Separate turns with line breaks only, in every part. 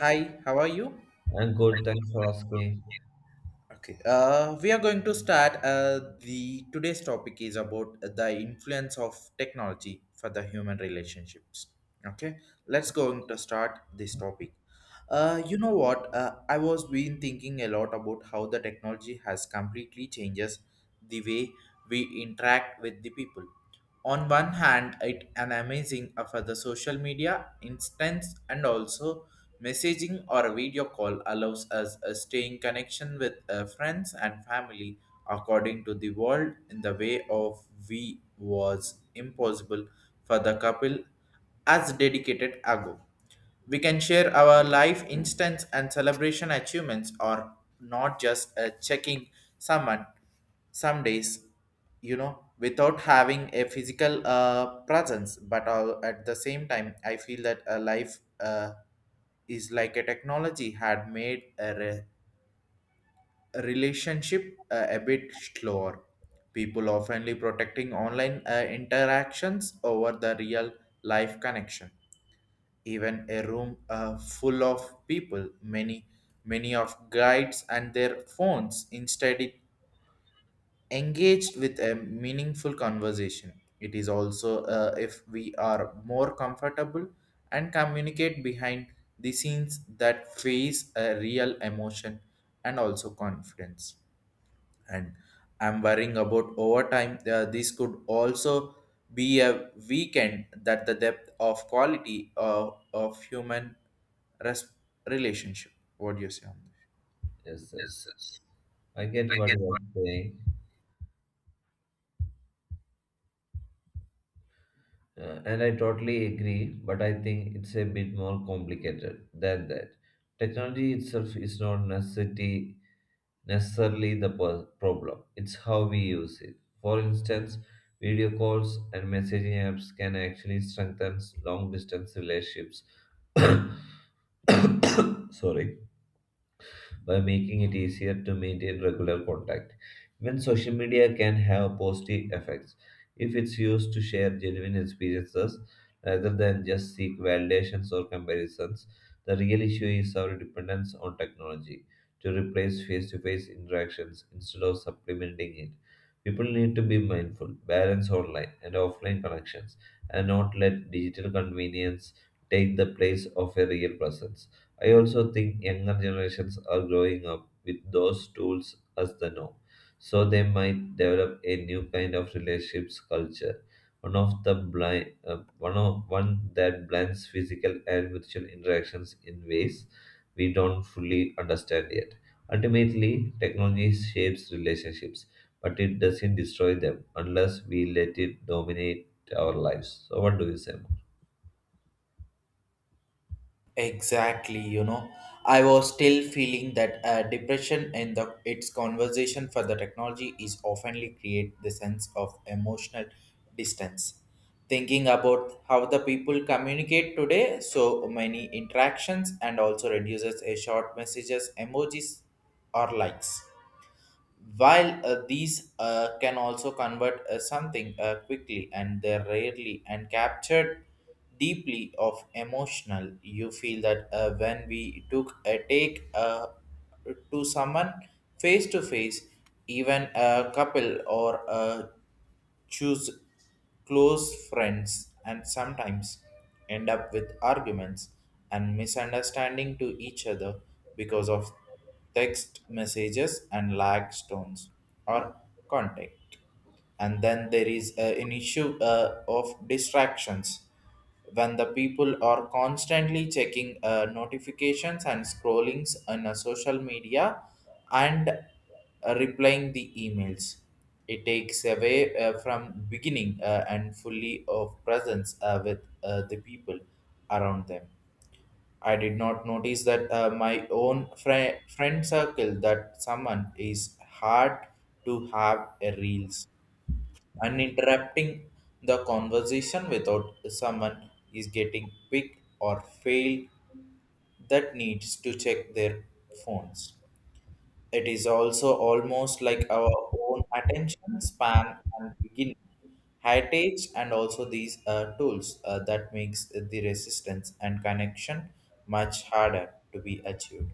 Hi, how are you?
I'm good. Thanks for asking.
Okay, we are going to start. The today's topic is about the influence of technology for the human relationships. Okay, let's going to start this topic. You know what? I was been thinking a lot about how the technology has completely changes the way we interact with the people. On one hand it an amazing for the social media instance, and also messaging or a video call allows us a staying connection with friends and family according to the world in the way of we was impossible for the couple as dedicated ago. We can share our life instance and celebration achievements or not just checking someone some days, you know, without having a physical presence. But all, at the same time I feel that a life is like a technology had made a relationship a bit slower. People oftenly protecting online interactions over the real life connection. Even a room full of people, many of guides and their phones instead it engaged with a meaningful conversation. It is also, if we are more comfortable and communicate behind the scenes that face a real emotion and also confidence. And I'm worrying about overtime. This could also be a weekend that the depth of quality of human res- relationship. What do you say on this?
Yes, yes. I get what you are saying, and I totally agree, but I think it's a bit more complicated than that. Technology itself is not necessarily the problem, it's how we use it. For instance, video calls and messaging apps can actually strengthen long distance relationships. Sorry by making it easier to maintain regular contact. Even social media can have positive effects if it's used to share genuine experiences rather than just seek validations or comparisons. The real issue is our dependence on technology to replace face to face interactions instead of supplementing it. People need to be mindful, balance online and offline connections, and not let digital convenience take the place of a real presence. I also think younger generations are growing up with those tools as the norm, so they might develop a new kind of relationships culture, one of the blind, one of one that blends physical and virtual interactions in ways we don't fully understand yet. Ultimately, technology shapes relationships, but it doesn't destroy them unless we let it dominate our lives. So, what do you say?
Exactly, you know, I was still feeling that depression and the its conversation for the technology is oftenly create the sense of emotional distance. Thinking about how the people communicate today, so many interactions and also reduces a short messages, emojis, or likes. While these can also convert something quickly and they're rarely and captured deeply of emotional, you feel that when we took a take to someone face to face, even a couple or a choose close friends and sometimes end up with arguments and misunderstanding to each other because of text messages and lag stones or contact. And then there is an issue of distractions when the people are constantly checking notifications and scrollings on social media and replying the emails. It takes away from beginning and fully of presence with the people around them. I did not notice that my own friend circle that someone is hard to have a reels and interrupting the conversation without someone is getting picked or failed that needs to check their phones. It is also almost like our own attention span and beginning heritage and also these tools that makes the resistance and connection much harder to be achieved.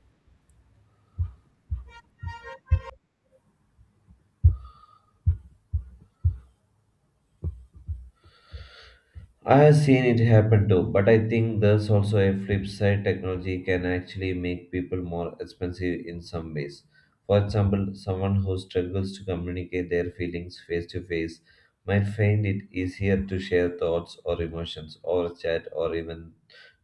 I have seen it happen too, but I think there's also a flip side. Technology can actually make people more expensive in some ways. For example, someone who struggles to communicate their feelings face to face might find it easier to share thoughts or emotions over chat or even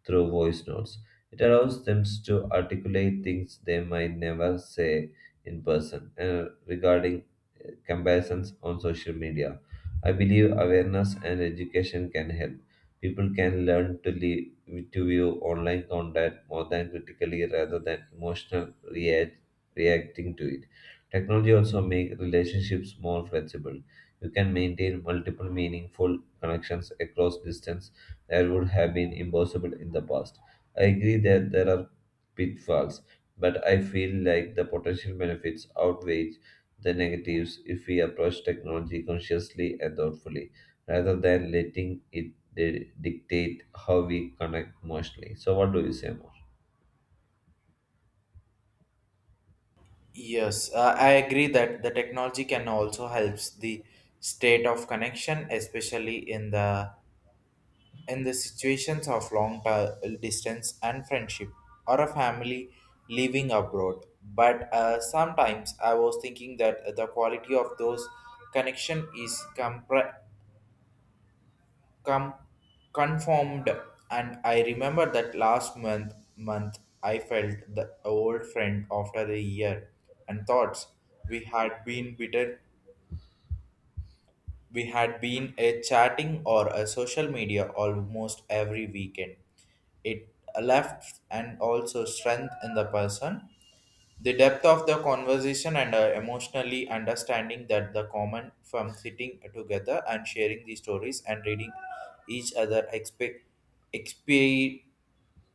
through voice notes. It allows them to articulate things they might never say in person. And regarding comparisons on social media, I believe awareness and education can help. People can learn to view online content more than critically rather than reacting to it. Technology also make relationships more flexible. You can maintain multiple meaningful connections across distance that would have been impossible in the past. I agree that there are pitfalls, but I feel like the potential benefits outweigh the negatives if we approach technology consciously and thoughtfully, rather than letting it dictate how we connect emotionally. So, what do you say? Mo?
Yes, I agree that the technology can also helps the state of connection, especially in the situations of long distance and friendship or a family living abroad. But sometimes I was thinking that the quality of those connection is com- conformed. And I remember that last month I felt the old friend after a year and thoughts we had been bitter. We had been a chatting or a social media almost every weekend. It left and also strength in the person. The depth of the conversation and emotionally understanding that the common from sitting together and sharing the stories and reading each other expe-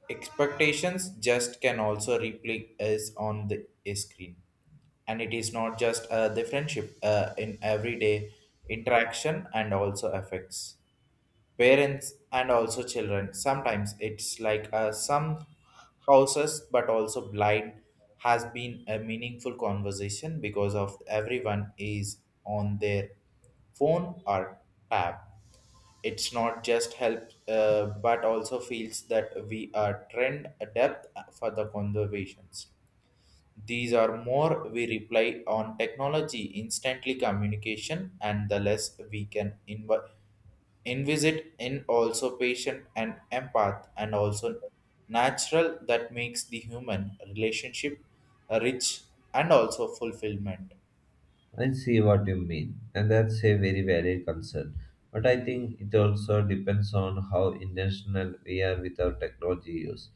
expectations just can also replay is on the screen. And it is not just the friendship in everyday interaction and also affects parents and also children. Sometimes it's like some houses but also blind has been a meaningful conversation because of everyone is on their phone or tab. It's not just help, but also feels that we are trend adept for the conservations. These are more we rely on technology, instantly communication, and the less we can envisage in also patient and empath and also natural that makes the human relationship rich and also fulfillment.
I see what you mean, and that's a very valid concern. But I think it also depends on how intentional we are with our technology use.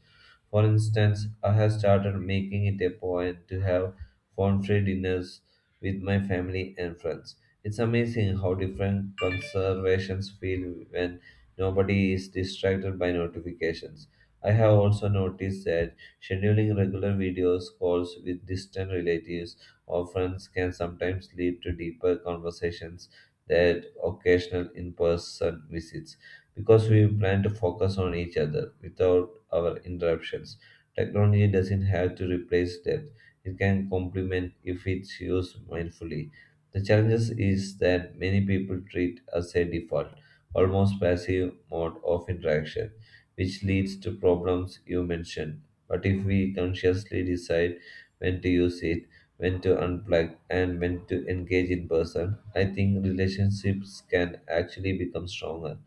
For instance, I have started making it a point to have phone free dinners with my family and friends. It's amazing how different conversations feel when nobody is distracted by notifications. I have also noticed that scheduling regular videos calls with distant relatives offerings can sometimes lead to deeper conversations than occasional in-person visits because we plan to focus on each other without our interruptions. Technology doesn't have to replace depth. It can complement if it's used mindfully. The challenges is that many people treat as a default, almost passive mode of interaction, which leads to problems you mentioned. But if we consciously decide when to use it, when to unplug, and when to engage in person. I think relationships can actually become stronger,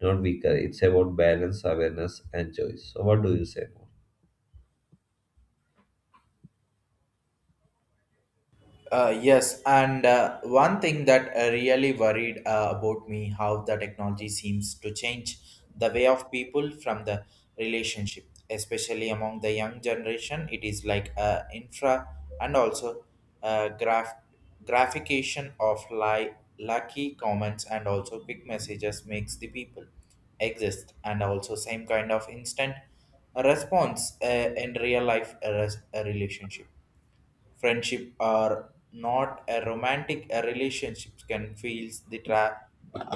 not weaker. It's about balance, awareness, and choice. So, what do you say more?
Yes, and one thing that really worried about me how the technology seems to change the way of people from the relationship, especially among the young generation. It is like infra and also graph graphication of lucky comments and also quick messages makes the people exist and also same kind of instant response in real life relationship. Friendship are not a romantic a relationship can feels the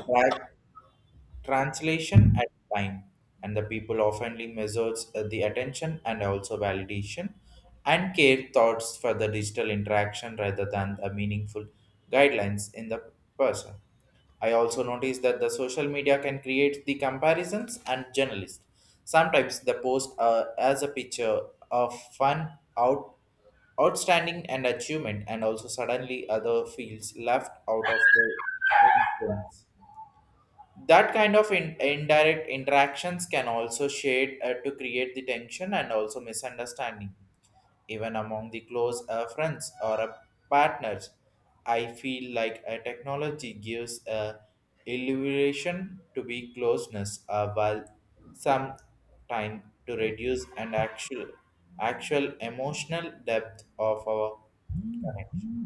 track translation at time. And the people oftenly measures the attention and also validation and care thoughts for the digital interaction rather than the meaningful guidelines in the person. I also noticed that the social media can create the comparisons and journalists. Sometimes the post, as a picture of fun out outstanding and achievement and also suddenly other fields left out of the influence. That kind of indirect interactions can also shade to create the tension and also misunderstanding even among the close friends or partners. I feel like a technology gives a illusion to be closeness, while some time to reduce and actual emotional depth of our connections.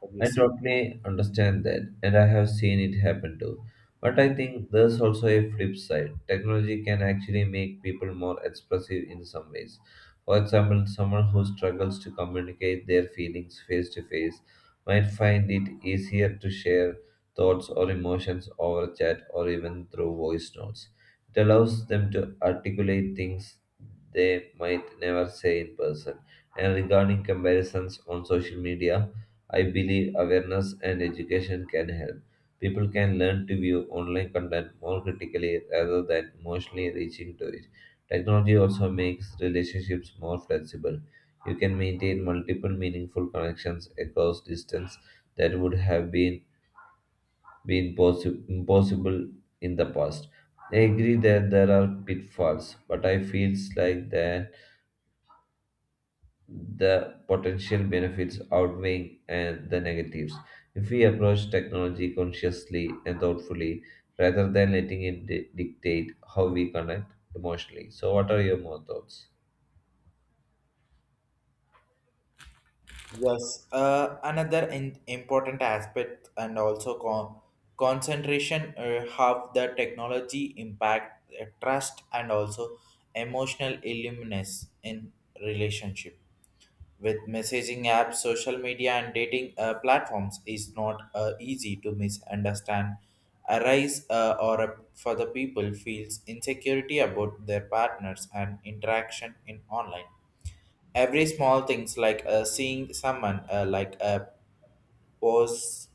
What do you
I
say?
totally understand that, and I have seen it happen too. But I think there's also a flip side. Technology can actually make people more expressive in some ways. For example, someone who struggles to communicate their feelings face to face might find it easier to share thoughts or emotions over chat or even through voice notes. It allows them to articulate things they might never say in person. And regarding comparisons on social media, I believe awareness and education can help. People can learn to view online content more critically rather than emotionally reaching to it. Technology also makes relationships more flexible. You can maintain multiple meaningful connections across distance that would have been impossible in the past. I agree that there are pitfalls, but I feel like the potential benefits outweighing and the negatives. If we approach technology consciously and thoughtfully, rather than letting it dictate how we connect emotionally. So, what are your more thoughts?
Yes, another important aspect and also concentration have the technology impact trust and also emotional illness in relationship. With messaging apps, social media and dating platforms is not easy to misunderstand arise, or a, for the people feels insecurity about their partners and interaction in online. Every small things like seeing someone, like a post,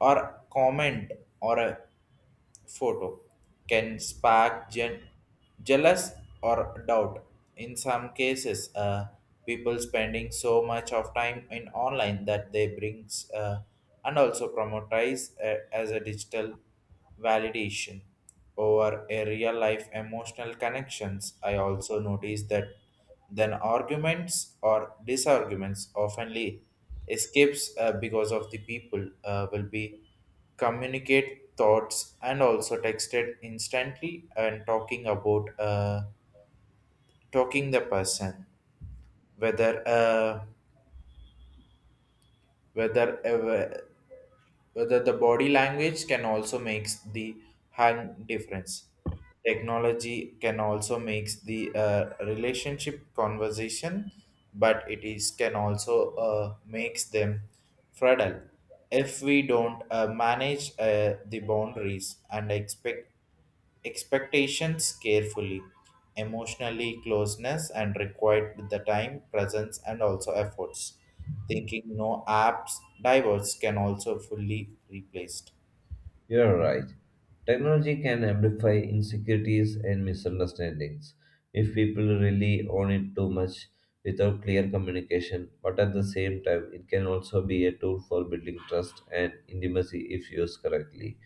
or comment or a photo can spark jealous or doubt. In some cases, people spending so much of time in online that they brings and also promotize as a digital validation over a real life emotional connections. I also noticed that then arguments or disarguments oftenly escapes, because of the people will be communicate thoughts and also texted instantly and talking about talking the person whether uh, whether uh, whether the body language can also makes the hang difference. Technology can also makes the relationship conversation, but it is can also makes them fragile if we don't manage the boundaries and expectations carefully. Emotionally closeness and required the time presence and also efforts, thinking no apps diverse can also fully replaced.
You're right. Technology can amplify insecurities and misunderstandings if people rely on it too much without clear communication, but at the same time, it can also be a tool for building trust and intimacy if used correctly.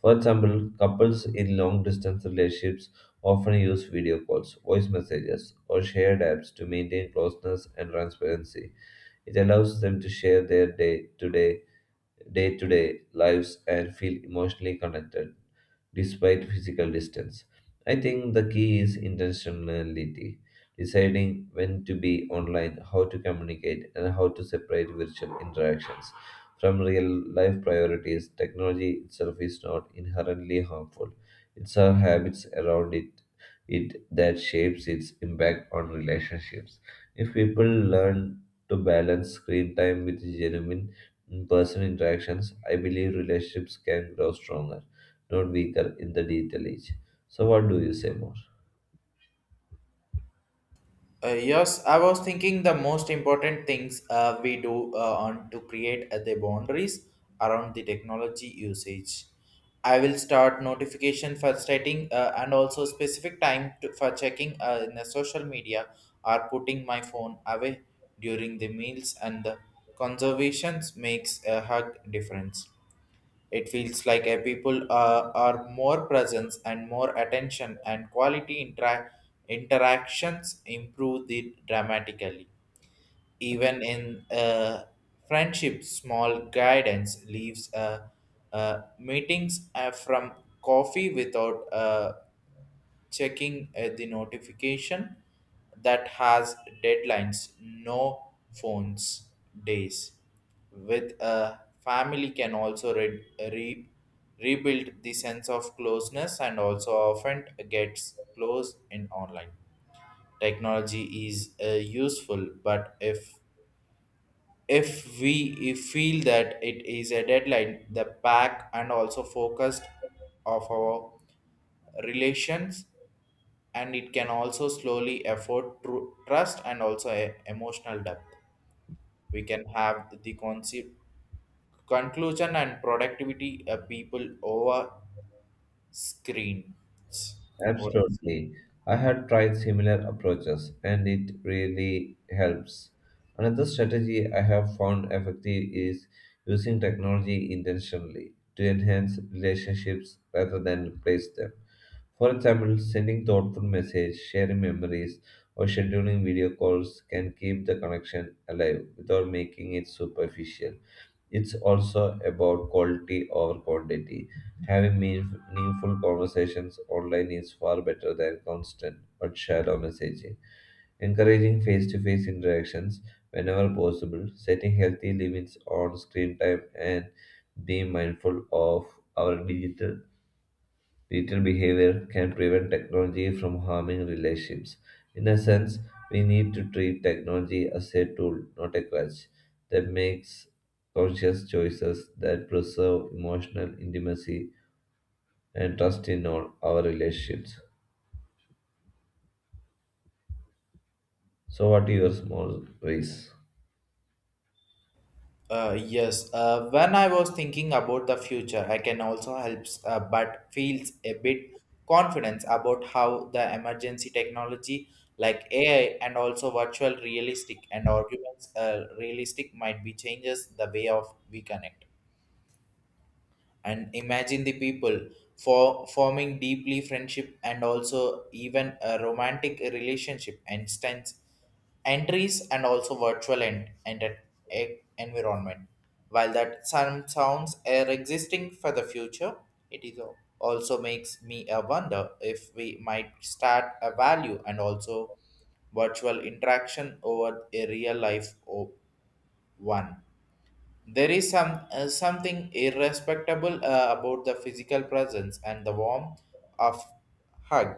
For example, couples in long distance relationships often use video calls, voice messages, or shared apps to maintain closeness and transparency. It allows them to share their to day day to day lives and feel emotionally connected despite physical distance. I think the key is intentionality, deciding when to be online, how to communicate, and how to separate virtual interactions from real life priorities. Technology itself is not inherently harmful, it's our habits around it. It that shapes its impact on relationships. If people learn to balance screen time with genuine in personal interactions, I believe relationships can grow stronger, not weaker in the digital age. So, what do you say more?
Yes, I was thinking the most important things we do on to create the boundaries around the technology usage. I will start notification for setting, and also specific time for checking in the social media or putting my phone away during the meals and the conservations makes a hug difference. It feels like a people are more presence and more attention and quality interactions improve the dramatically. Even in, friendship, small guidance leaves, meetings from coffee without checking the notification that has deadlines. No phones days with a family can also rebuild the sense of closeness and also often gets close in online. Technology is useful, but if we if feel that it is a deadline the back and also focused of our relations. And it can also slowly afford trust and also emotional depth. We can have the concept conclusion and productivity people over screens. What-
Absolutely. I had tried similar approaches and it really helps. Another strategy I have found effective is using technology intentionally to enhance relationships rather than replace them. For example, sending thoughtful messages, sharing memories, or scheduling video calls can keep the connection alive without making it superficial. It's also about quality over quantity. Having meaningful conversations online is far better than constant but shallow messaging. Encouraging face to face interactions whenever possible, setting healthy limits on screen time, and being mindful of our digital Detailed behavior can prevent technology from harming relationships. In a sense, we need to treat technology as a tool, not a crutch, that makes conscious choices that preserve emotional intimacy and trust in all our relationships. So, what are your small ways?
Yes, when I was thinking about the future, I can also help, but feels a bit confidence about how the emergency technology like AI and also virtual realistic and arguments, realistic might be changes the way of we connect and imagine the people for forming deeply friendship and also even a romantic relationship instance entries and also virtual and an environment. While that some sounds are existing for the future, it is also makes me a wonder if we might start a value and also virtual interaction over a real life one. There is some, something irrespectable about the physical presence and the warmth of hug,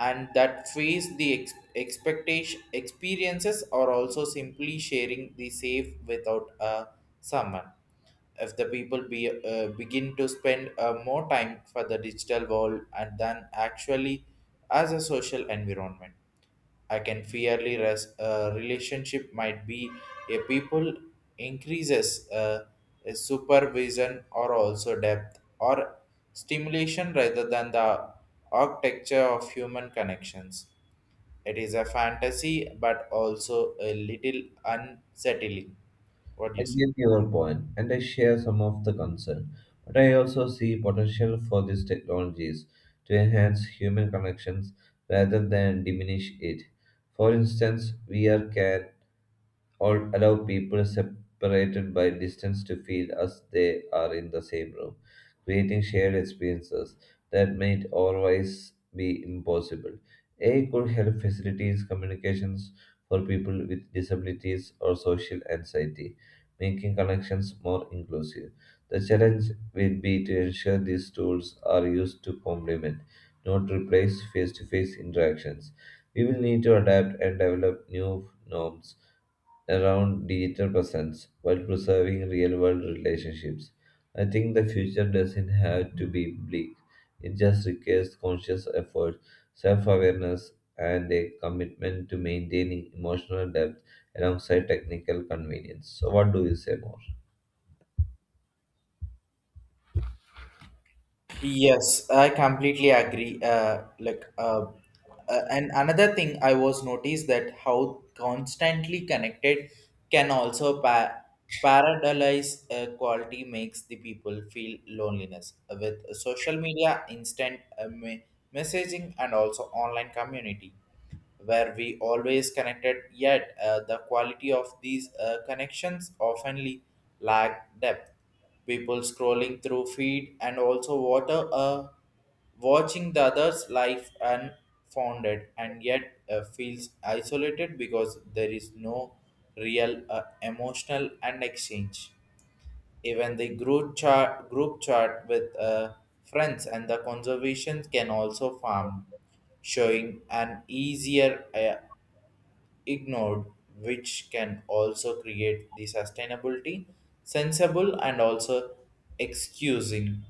and that face the expectation experiences or also simply sharing the safe without a someone. If the people be begin to spend more time for the digital world and than actually as a social environment, I can fairly relationship might be a people increases, a supervision or also depth or stimulation rather than the architecture of human connections. It is a fantasy but also a little unsettling. What do
I
you say?
get your point, and I share some of the concern, but I also see potential for these technologies to enhance human connections rather than diminish it. For instance, VR can or allow people separated by distance to feel as they are in the same room, creating shared experiences that might otherwise be impossible. AI could help facilities communications for people with disabilities or social anxiety, making connections more inclusive. The challenge will be to ensure these tools are used to complement, not replace face to face interactions. We will need to adapt and develop new norms around digital presence while preserving real world relationships. I think the future doesn't have to be bleak, it just requires conscious effort, self awareness, and a commitment to maintaining emotional depth alongside technical convenience. So, what do you say more?
Yes, I completely agree. And another thing I was noticed that how constantly connected can also pa Paradise quality makes the people feel loneliness. With social media, instant messaging, and also online community, where we always connected, yet the quality of these connections oftenly lack depth. People scrolling through feed and also water. A watching the others life unfounded and yet feels isolated because there is no real emotional and exchange even the group chat with friends and the conservations can also farm showing an easier ignored which can also create the sustainability sensible and also excusing,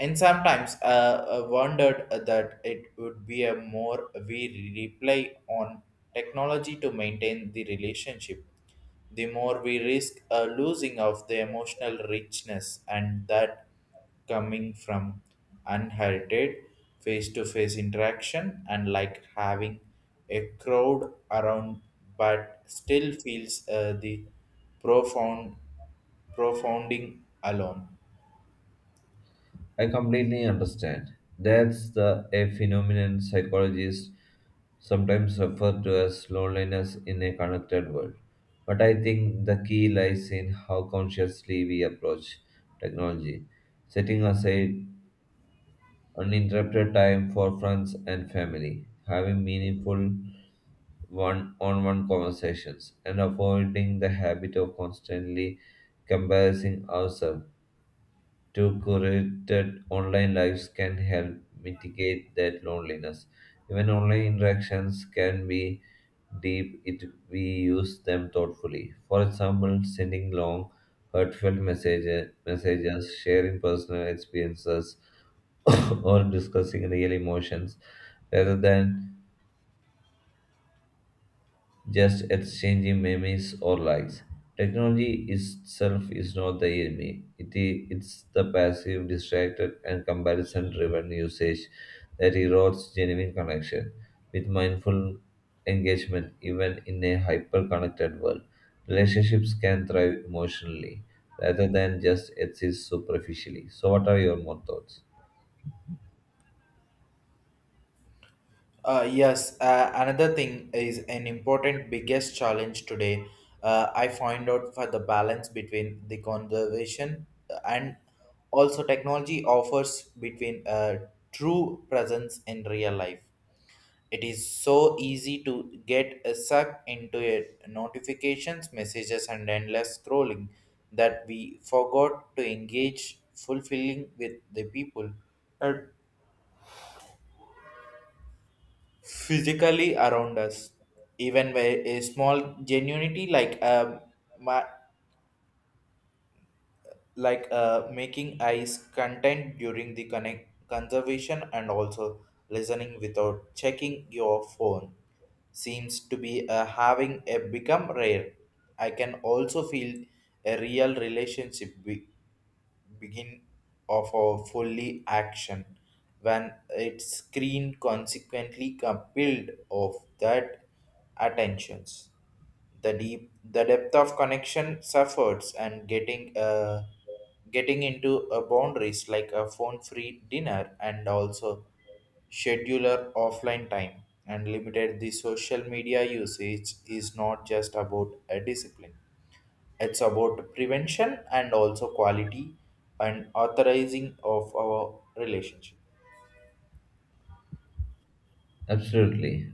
and sometimes wondered that it would be a more we rely on technology to maintain the relationship. The more we risk a losing of the emotional richness and that coming from unheralded face-to-face interaction and like having a crowd around but still feels the profound profounding alone.
I completely understand. That's the a phenomenon psychologists sometimes refer to as loneliness in a connected world. But I think the key lies in how consciously we approach technology, setting aside uninterrupted time for friends and family, having meaningful one-on-one conversations, and avoiding the habit of constantly comparing ourselves to curated online lives can help mitigate that loneliness. Even online interactions can be deep if we use them thoughtfully. For example, sending long, heartfelt messages sharing personal experiences, or discussing real emotions rather than just exchanging memes or likes. Technology itself is not the enemy. It's the passive, distracted, and comparison driven usage that erodes genuine connection. With mindful engagement, even in a hyper connected world, relationships can thrive emotionally rather than just exist superficially. So, what are your more thoughts?
Yes, another thing is an important biggest challenge today. I find out for the balance between the conservation and also technology offers between true presence in real life. It is so easy to get sucked into it, notifications, messages, and endless scrolling that we forgot to engage fulfilling with the people. And physically around us even by a small genuinity like ma- like making eyes content during the connect conservation and also listening without checking your phone seems to be having a become rare. I can also feel a real relationship be begin of a fully action when its screen consequently compelled of that attentions. The depth of connection suffers and getting into a boundaries like a phone free dinner and also scheduler offline time and limited the social media usage is not just about a discipline. It's about prevention and also quality and authorizing of our relationship.
Absolutely.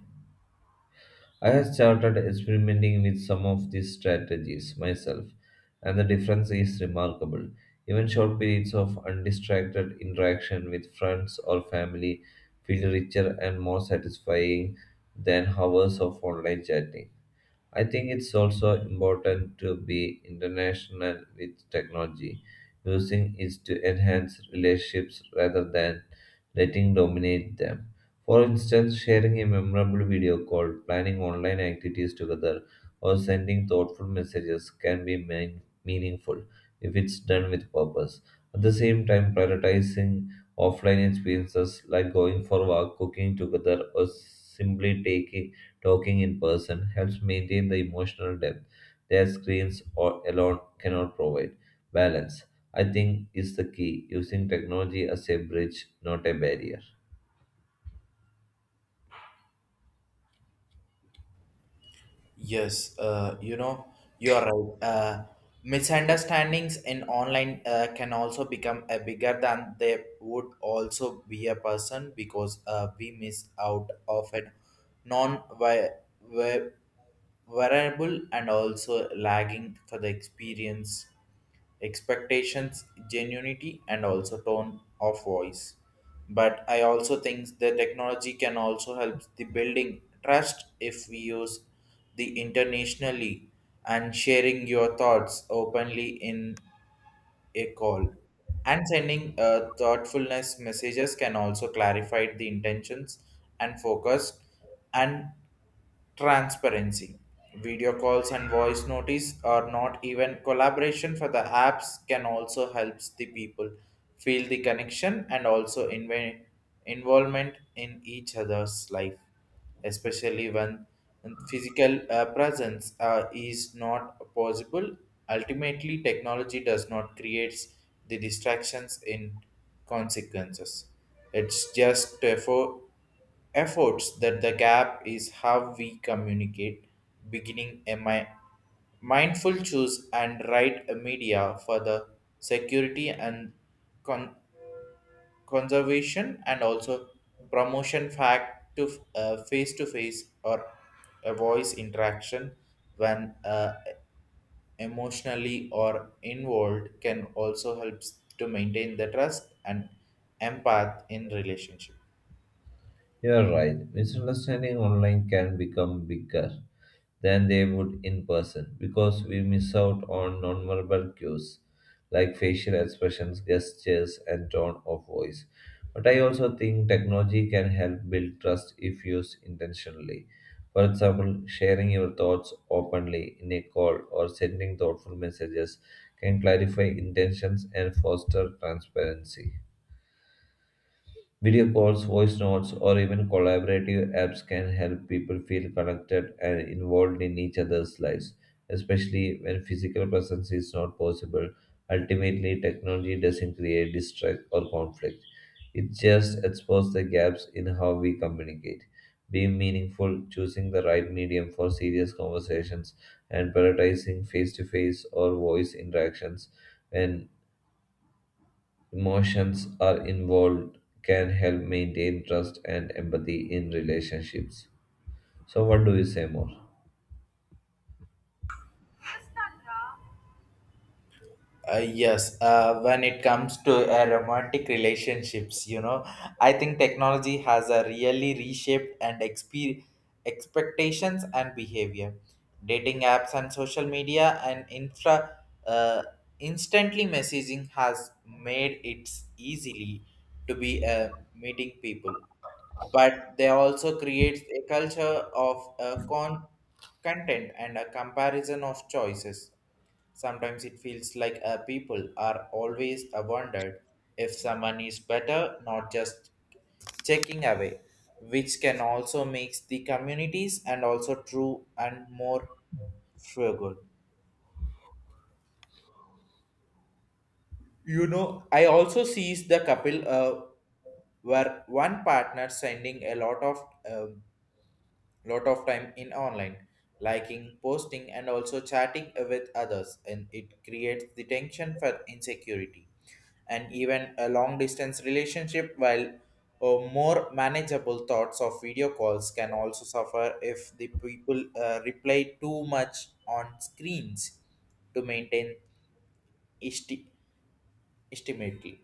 I have started experimenting with some of these strategies myself, and the difference is remarkable. Even short periods of undistracted interaction with friends or family feel richer and more satisfying than hours of online chatting. I think it's also important to be international with technology, using it to enhance relationships rather than letting dominate them. For instance, sharing a memorable video call, planning online activities together, or sending thoughtful messages can be meaningful if it's done with purpose. At the same time, prioritizing offline experiences like going for a walk, cooking together, or simply taking talking in person helps maintain the emotional depth their screens or alone cannot provide. Balance, I think, is the key, using technology as a bridge, not a barrier.
Yes, you know, you are right. Misunderstandings in online can also become a bigger than they would also be a person because we miss out of a non vi- vi- variable and also lagging for the experience expectations, genuinity, and also tone of voice. But I also think the technology can also help the building trust if we use the internationally and sharing your thoughts openly in a call. And sending thoughtfulness messages can also clarify the intentions and focus and transparency. Video calls and voice notice are not even collaboration for the apps can also helps the people feel the connection and also involvement in each other's life, especially when physical presence is not possible. Ultimately, technology does not creates the distractions in consequences. It's just therefore efforts that the gap is how we communicate beginning a mindful choose and write a media for the security and con- conservation and also promotion fact to face or a voice interaction when emotionally or involved can also helps to maintain the trust and empath in relationship.
You are right, misunderstanding online can become bigger than they would in person because we miss out on nonverbal cues like facial expressions, gestures, and tone of voice. But I also think technology can help build trust if used intentionally. For example, sharing your thoughts openly in a call or sending thoughtful messages can clarify intentions and foster transparency. Video calls, voice notes, or even collaborative apps can help people feel connected and involved in each other's lives, especially when physical presence is not possible. Ultimately, technology doesn't create distrust or conflict. It just exposes the gaps in how we communicate. Being meaningful, choosing the right medium for serious conversations, and prioritizing face to face or voice interactions when emotions are involved can help maintain trust and empathy in relationships. So, what do you say more?
Yes, when it comes to romantic relationships, you know, I think technology has a really reshaped and expectations and behavior. Dating apps and social media and infra uh, instantly messaging has made it easily to be meeting people, but they also create a culture of content and a comparison of choices. Sometimes it feels like people are always wondered if someone is better, not just checking away, which can also makes the communities and also true and more frugal. You know, I also sees the couple where one partner spending a um lot of time in online, liking, posting, and also chatting with others, and it creates the tension for insecurity. And even a long distance relationship while more manageable thoughts of video calls can also suffer if the people reply too much on screens to maintain esti- estimately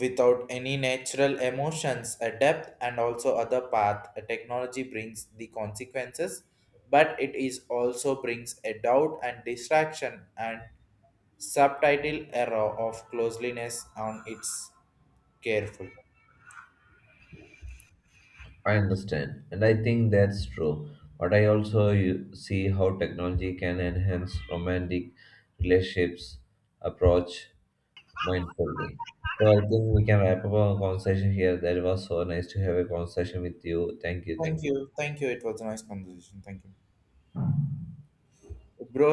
without any natural emotions a depth and also other path a technology brings the consequences, but it is also brings a doubt and distraction and Subtitle Error of Closeliness on Its Careful.
I understand, and I think that's true. But I also see how technology can enhance romantic relationships approach mindfully. So I think we can wrap up our conversation here. That was so nice to have a conversation with you. Thank you. Thank
Thank
you.
you. Thank you. It was a nice conversation. Thank you. Bro,